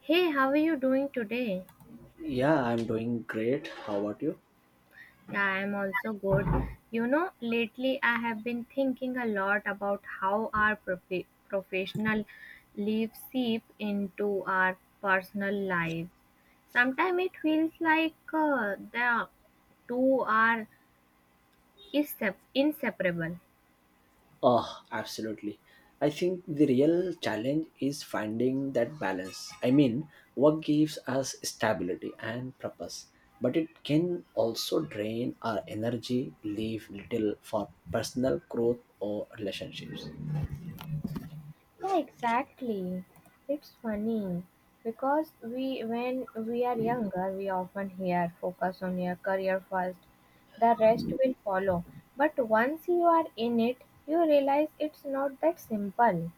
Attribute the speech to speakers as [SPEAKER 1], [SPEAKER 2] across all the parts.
[SPEAKER 1] Hey, how are you doing today?
[SPEAKER 2] Yeah, I'm doing great. How about you?
[SPEAKER 1] Yeah, I'm also good. You know, lately I have been thinking a lot about how our professional lives seep into our personal lives. Sometimes it feels like the two are inseparable.
[SPEAKER 2] Oh, absolutely. I think the real challenge is finding that balance. I mean, work gives us stability and purpose, but it can also drain our energy, leave little for personal growth or relationships.
[SPEAKER 1] Yeah, exactly. It's funny because when we are younger, we often hear focus on your career first, the rest will follow. But once you are in it, you realize it's not that simple.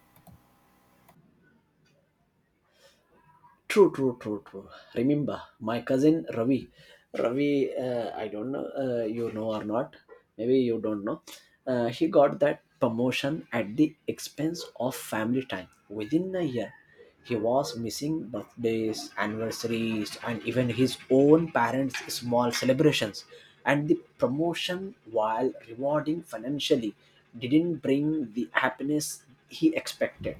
[SPEAKER 2] True, true, true, true. Remember, my cousin Ravi. Ravi, I don't know you know or not. Maybe you don't know. He got that promotion at the expense of family time. Within a year, he was missing birthdays, anniversaries, and even his own parents' small celebrations. And the promotion, while rewarding financially, didn't bring the happiness he expected.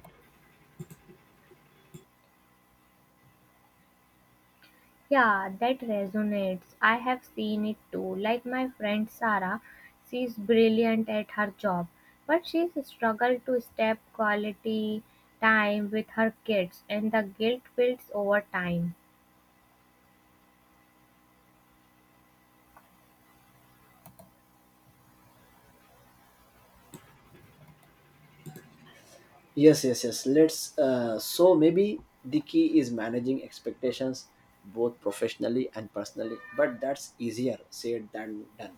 [SPEAKER 1] Yeah, that resonates. I have seen it too. Like my friend Sarah, she's brilliant at her job, but she's struggled to step quality time with her kids, and the guilt builds over time.
[SPEAKER 2] Yes, yes, yes. Let's. So maybe the key is managing expectations both professionally and personally, but that's easier said than done.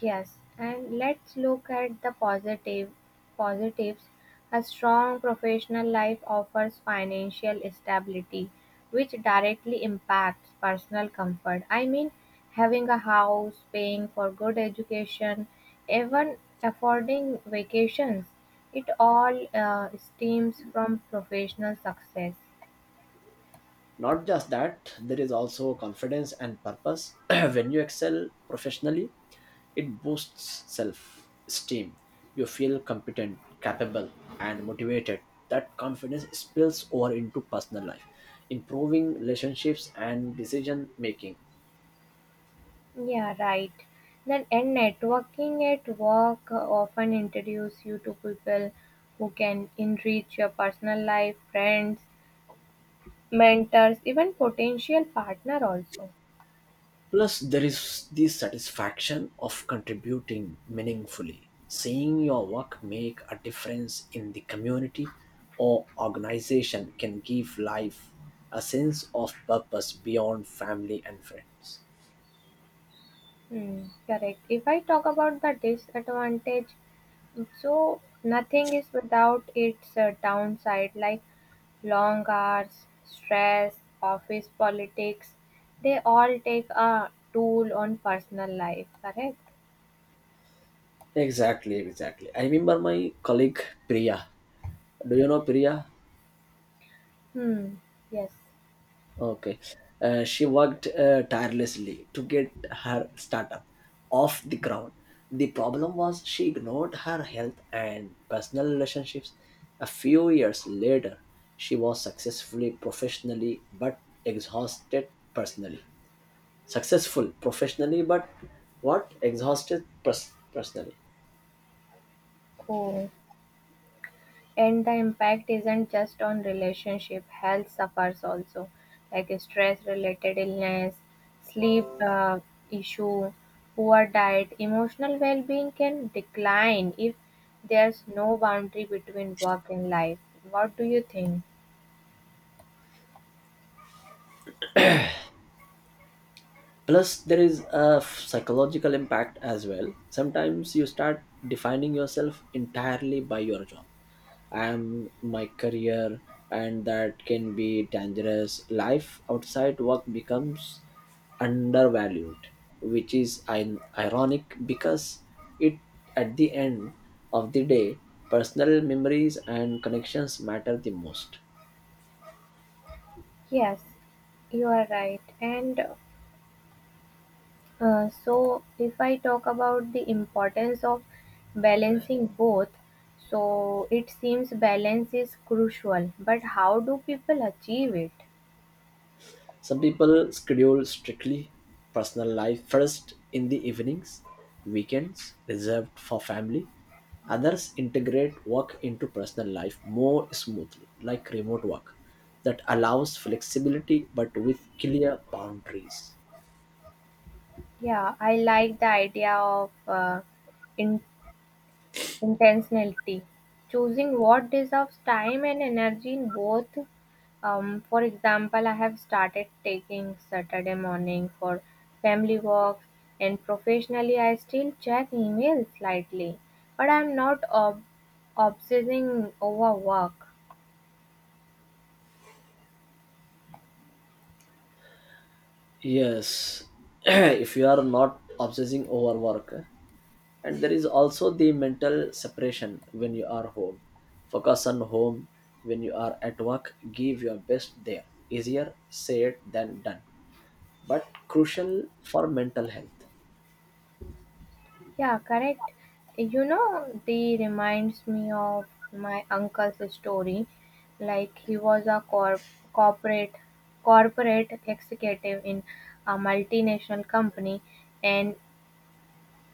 [SPEAKER 1] Yes, and let's look at the positives. A strong professional life offers financial stability, which directly impacts personal comfort. I mean, having a house, paying for good education, even affording vacations, it all stems from professional success.
[SPEAKER 2] Not just that, there is also confidence and purpose. When you excel professionally, it boosts self esteem. You feel competent, capable, and motivated. That confidence spills over into personal life, improving relationships and decision making.
[SPEAKER 1] Yeah, right. Then, and networking at work often introduce you to people who can enrich your personal life, friends, mentors, even potential partner also.
[SPEAKER 2] Plus, there is the satisfaction of contributing meaningfully, seeing your work make a difference in the community or organization can give life a sense of purpose beyond family and friends.
[SPEAKER 1] Hmm, correct. If I talk about the disadvantage, so nothing is without its downside, like long hours, stress, office politics. They all take a toll on personal life, correct?
[SPEAKER 2] Exactly, exactly. I remember my colleague Priya. Do you know Priya?
[SPEAKER 1] Hmm, yes.
[SPEAKER 2] Okay. She worked tirelessly to get her startup off the ground. The problem was she ignored her health and personal relationships. A few years later, she was successfully professionally but exhausted personally. Successful professionally but what? Exhausted personally.
[SPEAKER 1] Oh, and the impact isn't just on relationship. Health suffers also, like stress-related illness, sleep issue, poor diet, emotional well-being can decline if there's no boundary between work and life. What do you think?
[SPEAKER 2] Plus there is a psychological impact as well. Sometimes you start defining yourself entirely by your job. I am my career. And that can be dangerous. Life outside work becomes undervalued, which is ironic because it at the end of the day, personal memories and connections matter the most.
[SPEAKER 1] Yes, you are right. And so if I talk about the importance of balancing both, so it seems balance is crucial, but how do people achieve it?
[SPEAKER 2] Some people schedule strictly personal life first in the evenings, weekends reserved for family. Others integrate work into personal life more smoothly, like remote work that allows flexibility but with clear boundaries.
[SPEAKER 1] Yeah, I like the idea of in- intentionality, choosing what deserves time and energy in both. For example, I have started taking Saturday morning for family walks, and professionally, I still check email slightly, but I'm not obsessing over work.
[SPEAKER 2] Yes, if you are not obsessing over work, eh? And there is also the mental separation. When you are home, focus on home. When you are at work, give your best there. Easier said than done, but crucial for mental health.
[SPEAKER 1] Yeah, correct. You know, they reminds me of my uncle's story. Like he was a corporate corporate executive in a multinational company, and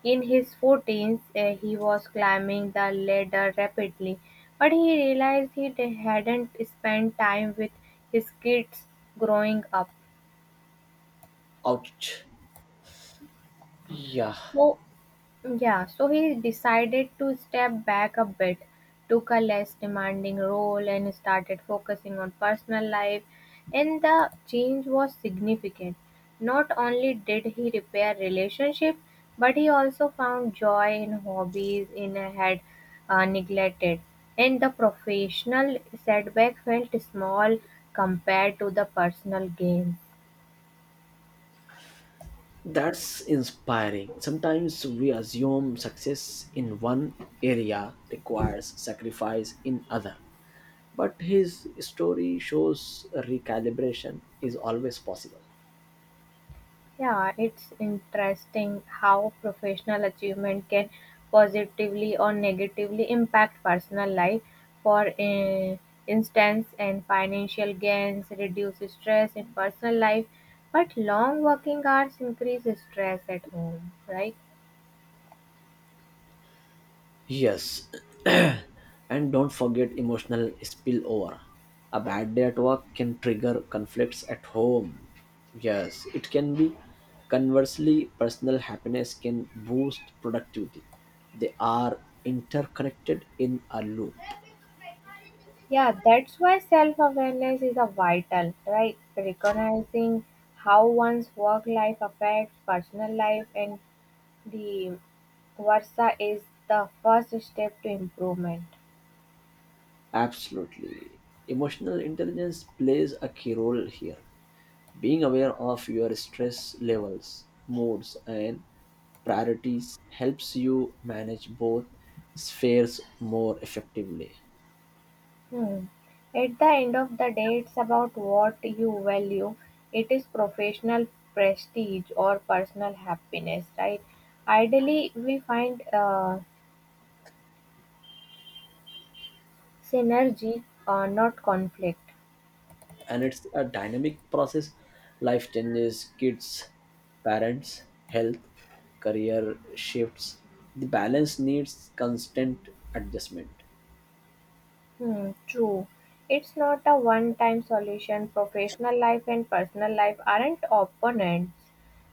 [SPEAKER 1] in his forties, he was climbing the ladder rapidly, but he realized he hadn't spent time with his kids growing up.
[SPEAKER 2] Ouch. Yeah.
[SPEAKER 1] So Yeah, so he decided to step back a bit, took a less demanding role, and started focusing on personal life. And the change was significant. Not only did he repair relationship, but he also found joy in hobbies in had neglected. And the professional setback felt small compared to the personal gain.
[SPEAKER 2] That's inspiring. Sometimes we assume success in one area requires sacrifice in other, but his story shows recalibration is always possible.
[SPEAKER 1] Yeah, it's interesting how professional achievement can positively or negatively impact personal life. For instance, and financial gains reduce stress in personal life, but long working hours increase stress at home, right?
[SPEAKER 2] Yes, and don't forget emotional spillover. A bad day at work can trigger conflicts at home. Yes, it can be. Conversely, personal happiness can boost productivity. They are interconnected in a loop.
[SPEAKER 1] Yeah, that's why self awareness is a vital, right? Recognizing how one's work life affects personal life and the versa is the first step to improvement.
[SPEAKER 2] Absolutely. Emotional intelligence plays a key role here. Being aware of your stress levels, moods, and priorities helps you manage both spheres more effectively.
[SPEAKER 1] Hmm. At the end of the day, it's about what you value. It is professional prestige or personal happiness, right? Ideally, we find synergy, not conflict.
[SPEAKER 2] And it's a dynamic process. Life changes, kids, parents, health, career shifts. The balance needs constant adjustment.
[SPEAKER 1] Hmm, true. It's not a one-time solution. Professional life and personal life aren't opponents.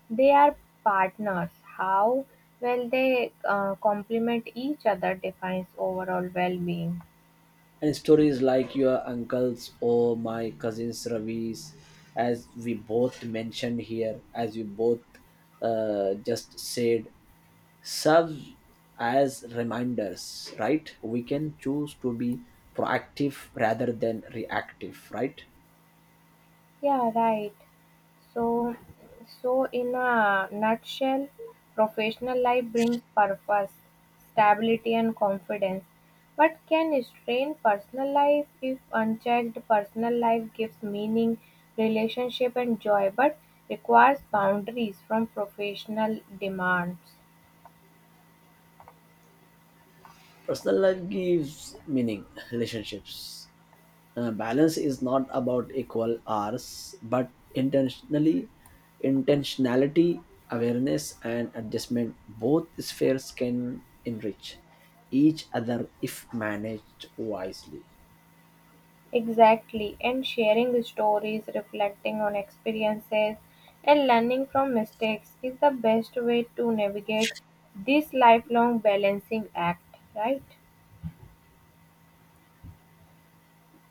[SPEAKER 1] They are partners. How well they complement each other defines overall well-being.
[SPEAKER 2] And stories like your uncle's or my cousin's Ravi's, as we both mentioned here, as we both just said, serve as reminders, right? We can choose to be proactive rather than reactive, right?
[SPEAKER 1] Yeah, right. So, so in a nutshell, professional life brings purpose, stability, and confidence. But can strain personal life if unchecked. Personal life gives meaning, relationship, and joy, but requires boundaries from professional demands.
[SPEAKER 2] Personal life gives meaning, relationships. Balance is not about equal hours, but intentionality, awareness, and adjustment. Both spheres can enrich each other if managed wisely.
[SPEAKER 1] Exactly, and sharing stories, reflecting on experiences, and learning from mistakes is the best way to navigate this lifelong balancing act, right?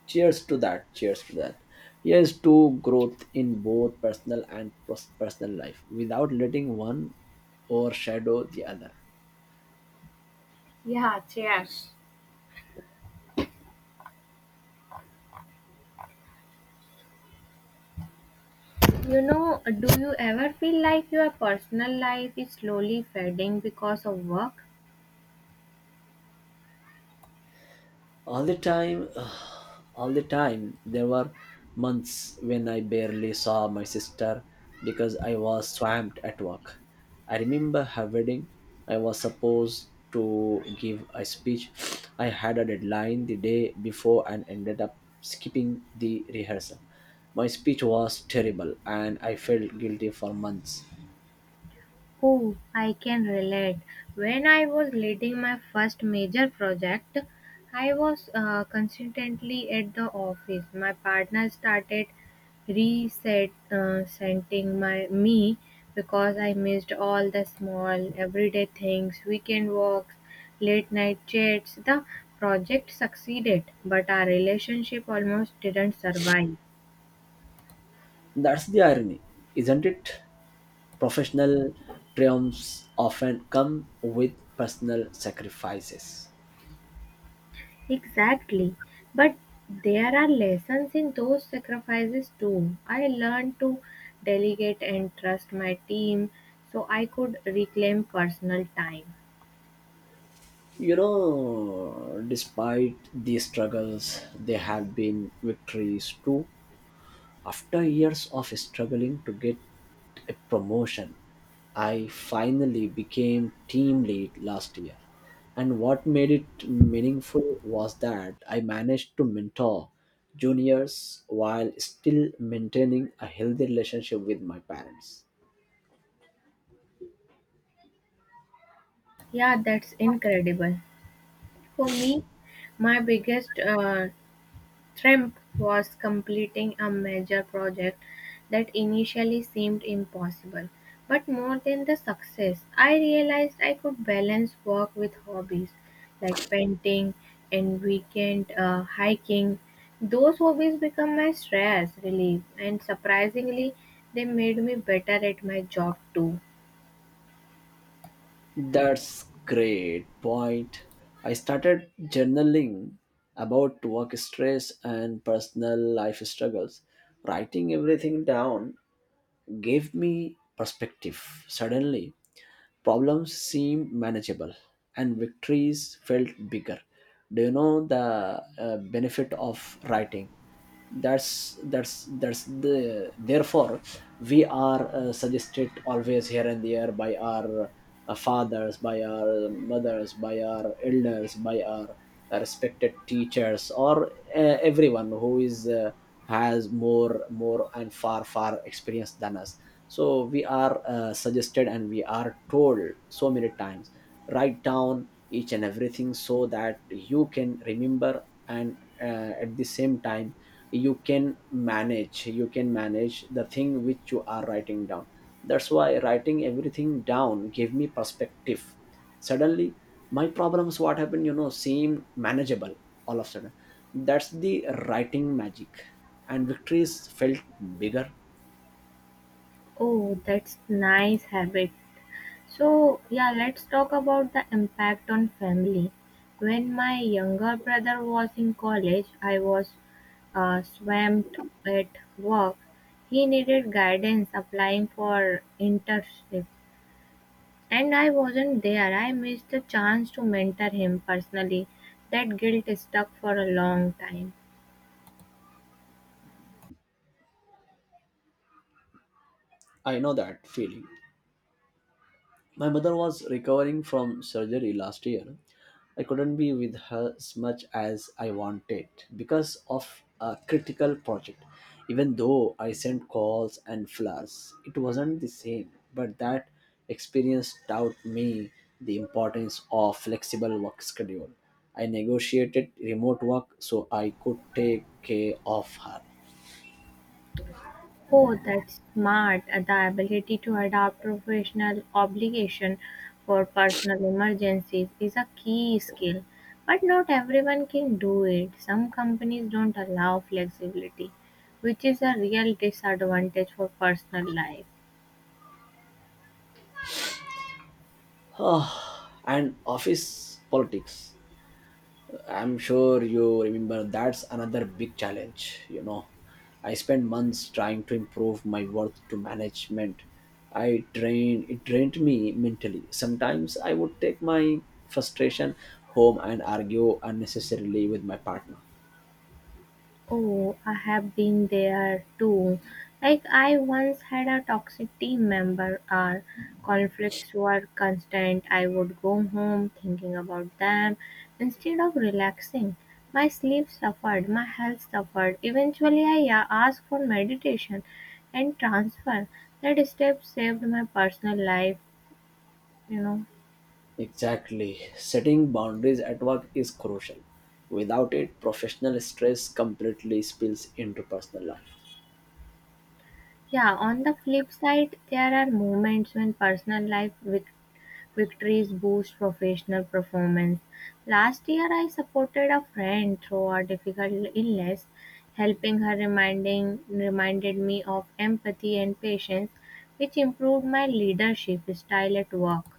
[SPEAKER 2] Cheers to that. Cheers to that. Here's to growth in both personal and personal life without letting one overshadow the other.
[SPEAKER 1] Yeah, cheers. You know, do you ever feel like your personal life is slowly fading because of work?
[SPEAKER 2] All the time. All the time. There were months when I barely saw my sister because I was swamped at work. I remember her wedding. I was supposed to give a speech. I had a deadline the day before and ended up skipping the rehearsal. My speech was terrible and I felt guilty for months.
[SPEAKER 1] Oh, I can relate. When I was leading my first major project, I was consistently at the office. My partner started reset sending my me because I missed all the small everyday things, weekend walks, late night chats. The project succeeded, but our relationship almost didn't survive.
[SPEAKER 2] That's the irony, isn't it? Professional triumphs often come with personal sacrifices.
[SPEAKER 1] Exactly, but there are lessons in those sacrifices too. I learned to delegate and trust my team so I could reclaim personal time.
[SPEAKER 2] You know, despite these struggles, there have been victories too. After years of struggling to get a promotion, I finally became team lead last year. And what made it meaningful was that I managed to mentor juniors while still maintaining a healthy relationship with my parents.
[SPEAKER 1] Yeah, that's incredible. For me, my biggest Thribb was completing a major project that initially seemed impossible, but more than the success, I realized I could balance work with hobbies like painting and weekend hiking. Those hobbies become my stress relief, and surprisingly, they made me better at my job too.
[SPEAKER 2] That's great point. I started journaling about work stress and personal life struggles. Writing everything down gave me perspective. Suddenly, problems seemed manageable and victories felt bigger. Do you know the benefit of writing? That's the therefore we are suggested always here and there by our fathers, by our mothers, by our elders, by our respected teachers, or everyone who is has more and far experience than us. So we are suggested and we are told so many times. Write down each and everything so that you can remember, and at the same time you can manage, the thing which you are writing down. That's why writing everything down gave me perspective. Suddenly, my problems, what happened, seem manageable all of a sudden. That's the writing magic. And victories felt bigger.
[SPEAKER 1] Oh, that's nice habit. So, yeah, let's talk about the impact on family. When my younger brother was in college, I was swamped at work. He needed guidance applying for internship, and I wasn't there. I missed the chance to mentor him personally. That guilt stuck for a long time.
[SPEAKER 2] I know that feeling. My mother was recovering from surgery last year. I couldn't be with her as much as I wanted because of a critical project. Even though I sent calls and flowers, it wasn't the same. But that experience taught me the importance of flexible work schedule. I negotiated remote work so I could take care of her.
[SPEAKER 1] Oh, that's smart. The ability to adapt professional obligation for personal emergencies is a key skill, but not everyone can do it. Some companies don't allow flexibility, which is a real disadvantage for personal life.
[SPEAKER 2] And office politics. I'm sure you remember that's another big challenge. I spent months trying to improve my worth to management. It drained me mentally. Sometimes I would take my frustration home and argue unnecessarily with my partner.
[SPEAKER 1] Oh, I have been there too. Like, I once had a toxic team member. Our conflicts were constant. I would go home thinking about them instead of relaxing. My sleep suffered, my health suffered. Eventually, I asked for meditation and transfer. That step saved my personal life, you know.
[SPEAKER 2] Exactly. Setting boundaries at work is crucial. Without it, professional stress completely spills into personal life.
[SPEAKER 1] Yeah, on the flip side, there are moments when personal life victories boost professional performance. Last year, I supported a friend through a difficult illness. Helping her reminding reminded me of empathy and patience, which improved my leadership style at work.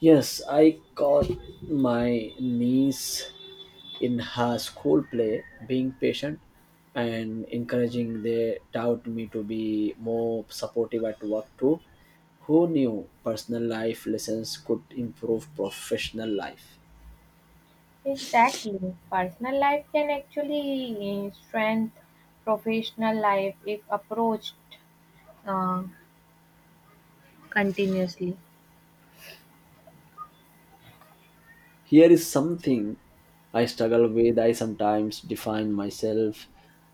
[SPEAKER 2] Yes, I caught my niece in her school play being patient and encouraging. They taught me to be more supportive at work too. Who knew personal life lessons could improve professional life?
[SPEAKER 1] Exactly. Personal life can actually strengthen professional life if approached uh, continuously.
[SPEAKER 2] Here is something I struggle with. I sometimes define myself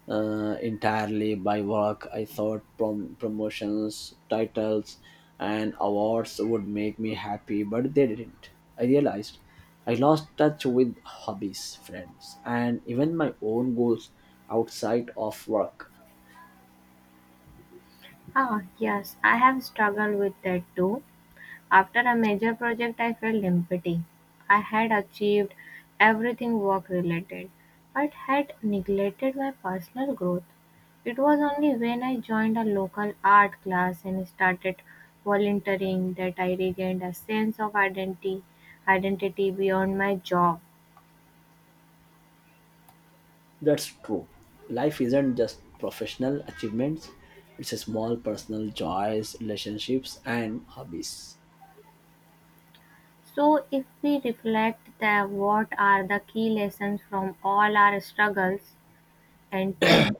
[SPEAKER 2] entirely by work. I thought promotions, titles, and awards would make me happy, but they didn't. I realized I lost touch with hobbies, friends, and even my own goals outside of work.
[SPEAKER 1] Ah, yes, I have struggled with that too. After a major project I felt empty. I had achieved everything work related, but had neglected my personal growth. It was only when I joined a local art class and started volunteering that I regained a sense of identity beyond my job.
[SPEAKER 2] That's true. Life isn't just professional achievements, it's a small personal joys, relationships, and hobbies.
[SPEAKER 1] So if we reflect that what are the key lessons from all our struggles and triumphs,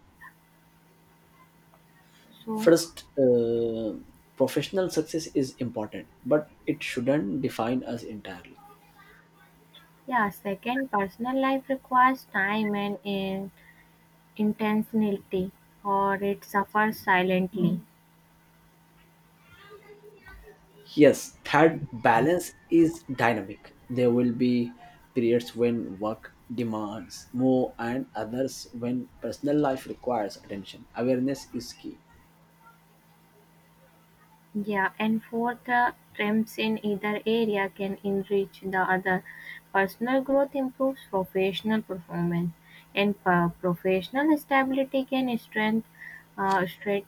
[SPEAKER 1] so
[SPEAKER 2] First, professional success is important, but it shouldn't define us entirely.
[SPEAKER 1] yeah, second, personal life requires time and in intentionality, or it suffers silently.
[SPEAKER 2] Yes, third, balance is dynamic. There will be periods when work demands more and others when personal life requires attention. Awareness is key.
[SPEAKER 1] Yeah, and fourth, trends in either area can enrich the other. Personal growth improves professional performance, and professional stability can strengthen straight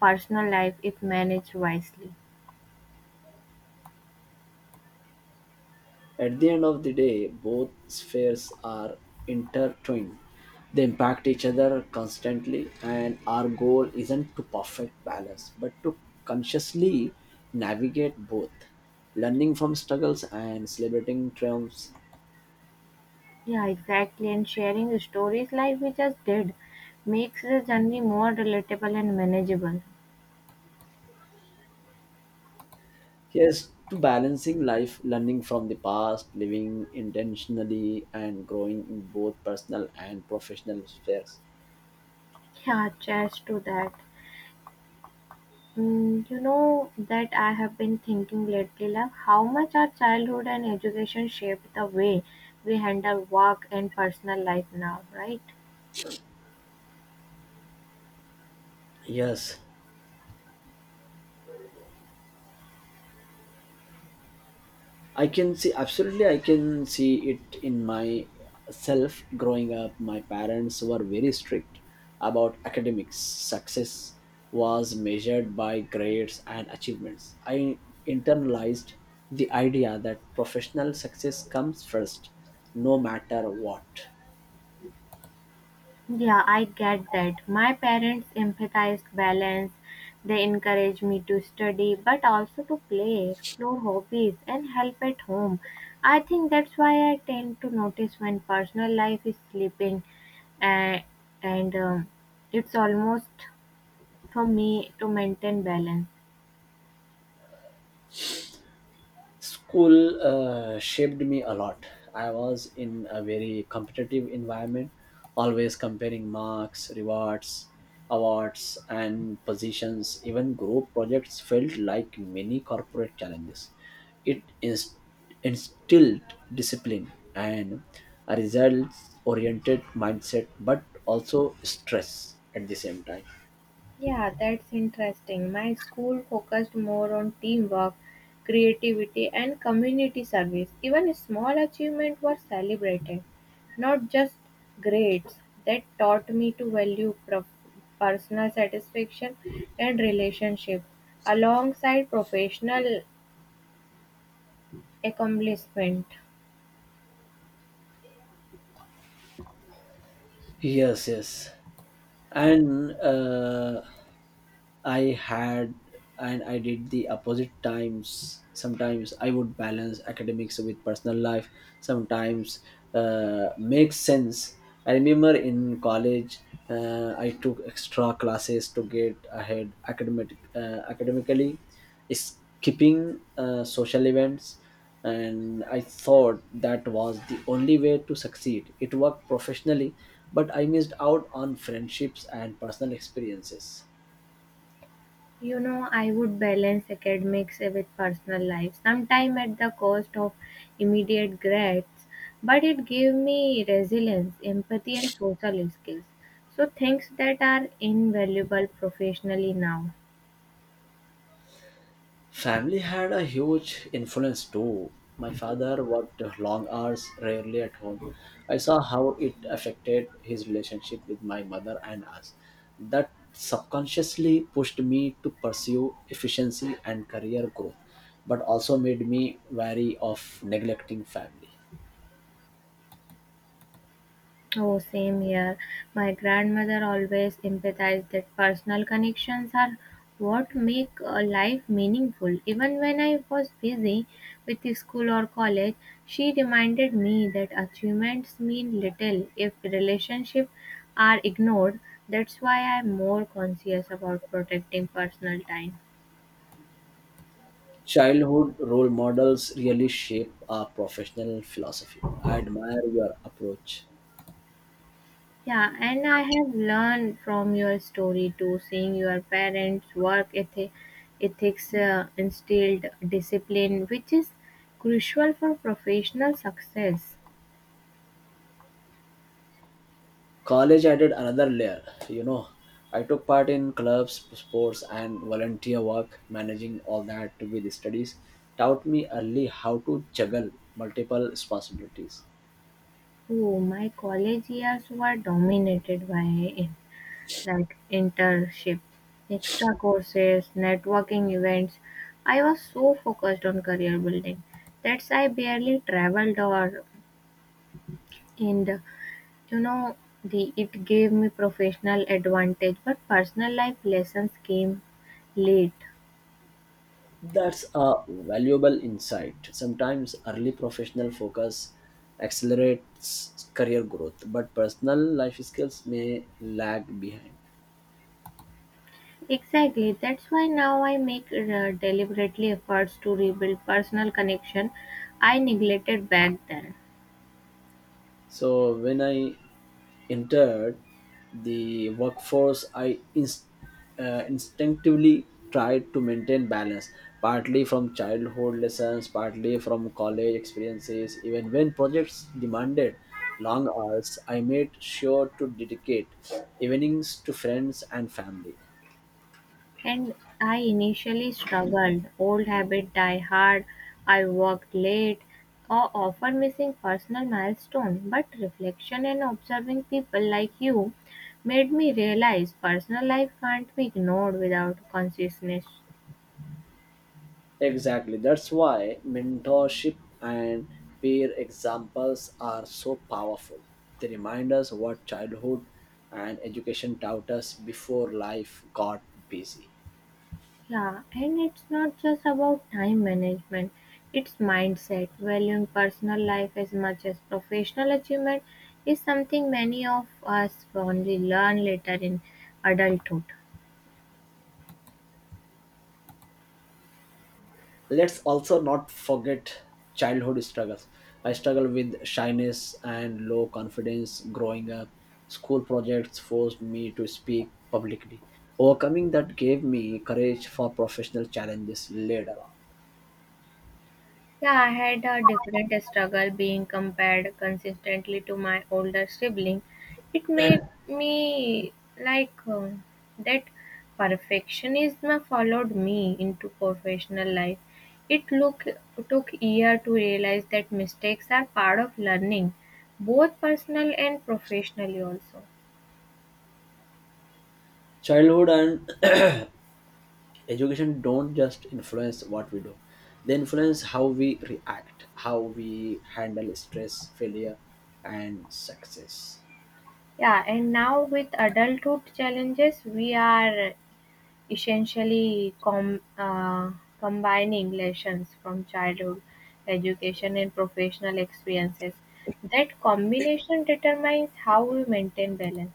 [SPEAKER 1] personal life if managed wisely.
[SPEAKER 2] At the end of the day, both spheres are intertwined. They impact each other constantly, and our goal isn't to perfect balance, but to consciously navigate both, learning from struggles and celebrating triumphs.
[SPEAKER 1] Yeah, exactly. And sharing stories like we just did makes the journey more relatable and manageable.
[SPEAKER 2] Yes, to balancing life, learning from the past, living intentionally, and growing in both personal and professional spheres.
[SPEAKER 1] Yeah, just to that. Mm, you know that I have been thinking lately, love, how much our childhood and education shaped the way we handle work and personal life now, right?
[SPEAKER 2] Yes, I can see absolutely. I can see it in my self growing up. My parents were very strict about academics. Success was measured by grades and achievements. I internalized the idea that professional success comes first, no matter what.
[SPEAKER 1] Yeah, I get that. My parents emphasized balance. They encouraged me to study, but also to play, explore hobbies, and help at home. I think that's why I tend to notice when personal life is slipping, and and it's almost for me to maintain balance.
[SPEAKER 2] School shaped me a lot. I was in a very competitive environment, always comparing marks, rewards, awards, and positions. Even group projects felt like mini corporate challenges. It instilled discipline and a results oriented mindset, but also stress at the same time.
[SPEAKER 1] Yeah, that's interesting. My school focused more on teamwork, creativity, and community service. Even small achievements were celebrated, not just grades. That taught me to value personal satisfaction and relationship alongside professional accomplishment.
[SPEAKER 2] Yes, yes. And I had and I did the opposite times. Sometimes I would balance academics with personal life. Sometimes makes sense. I remember in college, I took extra classes to get ahead academically, skipping social events, and I thought that was the only way to succeed. It worked professionally, but I missed out on friendships and personal experiences.
[SPEAKER 1] You know, I would balance academics with personal life, sometimes at the cost of immediate grades, but it gave me resilience, empathy, and social skills. So, things that are invaluable professionally now.
[SPEAKER 2] Family had a huge influence too. My father worked long hours, rarely at home. I saw how it affected his relationship with my mother and us. That subconsciously pushed me to pursue efficiency and career growth, but also made me wary of neglecting family.
[SPEAKER 1] Oh, same here. My grandmother always empathized that personal connections are what make a life meaningful. Even when I was busy with the school or college, she reminded me that achievements mean little if relationships are ignored. That's why I'm more conscious about protecting personal time.
[SPEAKER 2] Childhood role models really shape our professional philosophy. I admire your approach.
[SPEAKER 1] Yeah, and I have learned from your story too, seeing your parents' work ethics instilled discipline, which is crucial for professional success.
[SPEAKER 2] College added another layer you know I took part in clubs, sports, and volunteer work. Managing all that with the studies taught me early how to juggle multiple responsibilities.
[SPEAKER 1] Oh, my college years were dominated by in- like internship, extra courses, networking events. I was so focused on career building that I barely traveled or in you know, the it gave me professional advantage, but personal life lessons came late.
[SPEAKER 2] That's a valuable insight. Sometimes early professional focus accelerates career growth, but personal life skills may lag behind.
[SPEAKER 1] Exactly. That's why now I make deliberately efforts to rebuild personal connection I neglected back then.
[SPEAKER 2] So when I entered the workforce, I instinctively tried to maintain balance, partly from childhood lessons, partly from college experiences. Even when projects demanded long hours, I made sure to dedicate evenings to friends and family.
[SPEAKER 1] And I initially struggled. Old habit die hard. I worked late or often missing personal milestone. But reflection and observing people like you made me realize personal life can't be ignored without consciousness.
[SPEAKER 2] Exactly. That's why mentorship and peer examples are so powerful. They remind us what childhood and education taught us before life got busy.
[SPEAKER 1] Yeah, and it's not just about time management, it's mindset. Valuing personal life as much as professional achievement is something many of us only learn later in adulthood.
[SPEAKER 2] Let's also not forget childhood struggles. I struggled with shyness and low confidence growing up. School projects forced me to speak publicly. Overcoming that gave me courage for professional challenges later on.
[SPEAKER 1] Yeah, I had a different struggle being compared consistently to my older sibling. It made me like that perfectionism followed me into professional life. It took year to realize that mistakes are part of learning, both personal and professionally also.
[SPEAKER 2] Childhood and education don't just influence what we do. They influence how we react, how we handle stress, failure, and success.
[SPEAKER 1] Yeah, and now with adulthood challenges, we are essentially combining lessons from childhood education and professional experiences. That combination determines how we maintain balance.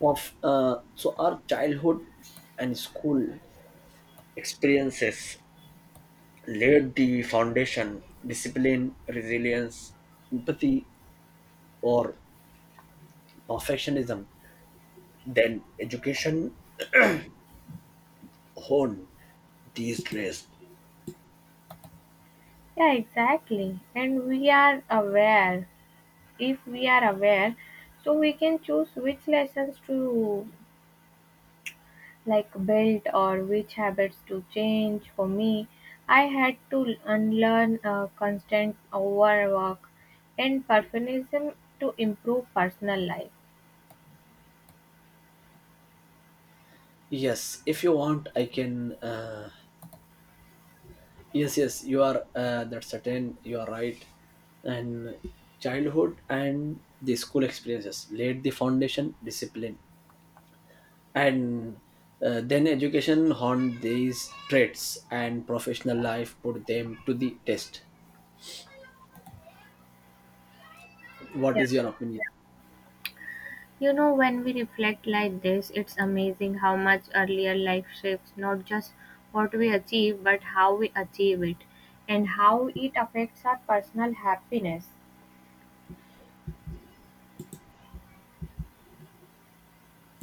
[SPEAKER 2] Of uh, so our childhood and school experiences laid the foundation: discipline, resilience, empathy, or perfectionism. Then education hone these traits.
[SPEAKER 1] Yeah, exactly. And we are aware. If we are aware, so we can choose which lessons to like built or which habits to change for me. I had to unlearn a constant overwork and perfectionism to improve personal life.
[SPEAKER 2] Yes, if you want I can, yes, yes, you are that's certain, you are right. And childhood and the school experiences laid the foundation: discipline. And then education honed these traits, and professional life put them to the test. What
[SPEAKER 1] Yeah,
[SPEAKER 2] is your opinion?
[SPEAKER 1] you know, when we reflect like this it's amazing how much earlier life shapes not just what we achieve but how we achieve it and how it affects our personal happiness.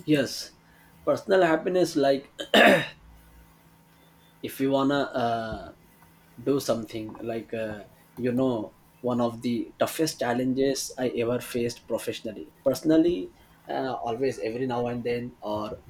[SPEAKER 2] Yes, personal happiness, like, if you wanna do something, you know one of the toughest challenges I ever faced professionally, personally, always every now and then. Or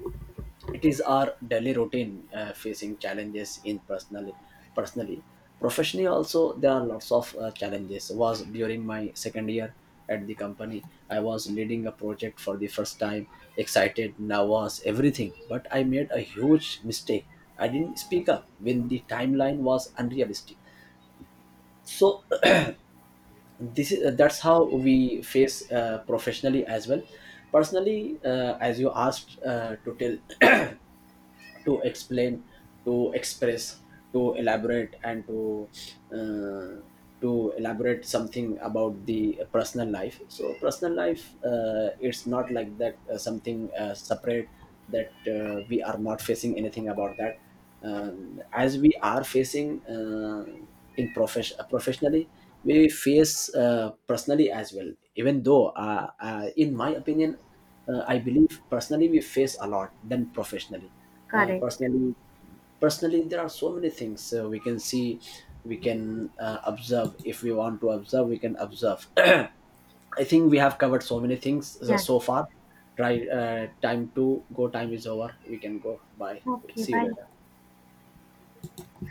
[SPEAKER 2] it is our daily routine, facing challenges in personally professionally. Also, there are lots of challenges. Was during my second year at the company. I was leading a project for the first time, excited, nervous, everything, but I made a huge mistake. I didn't speak up when the timeline was unrealistic. So. this is That's how we face professionally as well. Personally, as you asked to tell, to explain, to express, to elaborate, and uh, to elaborate something about the personal life. So personal life, it's not like that, something separate, that we are not facing anything about that. As we are facing in profession professionally, we face personally as well, even though in my opinion I believe personally we face a lot than professionally.
[SPEAKER 1] Correct.
[SPEAKER 2] Personally, there are so many things we can see, we can observe. If we want to observe, we can observe. I think we have covered so many things so
[SPEAKER 1] Yes,
[SPEAKER 2] so far. Try. Time to go. Time is over. We can go. Bye.
[SPEAKER 1] okay,
[SPEAKER 2] See you
[SPEAKER 1] bye.
[SPEAKER 2] later.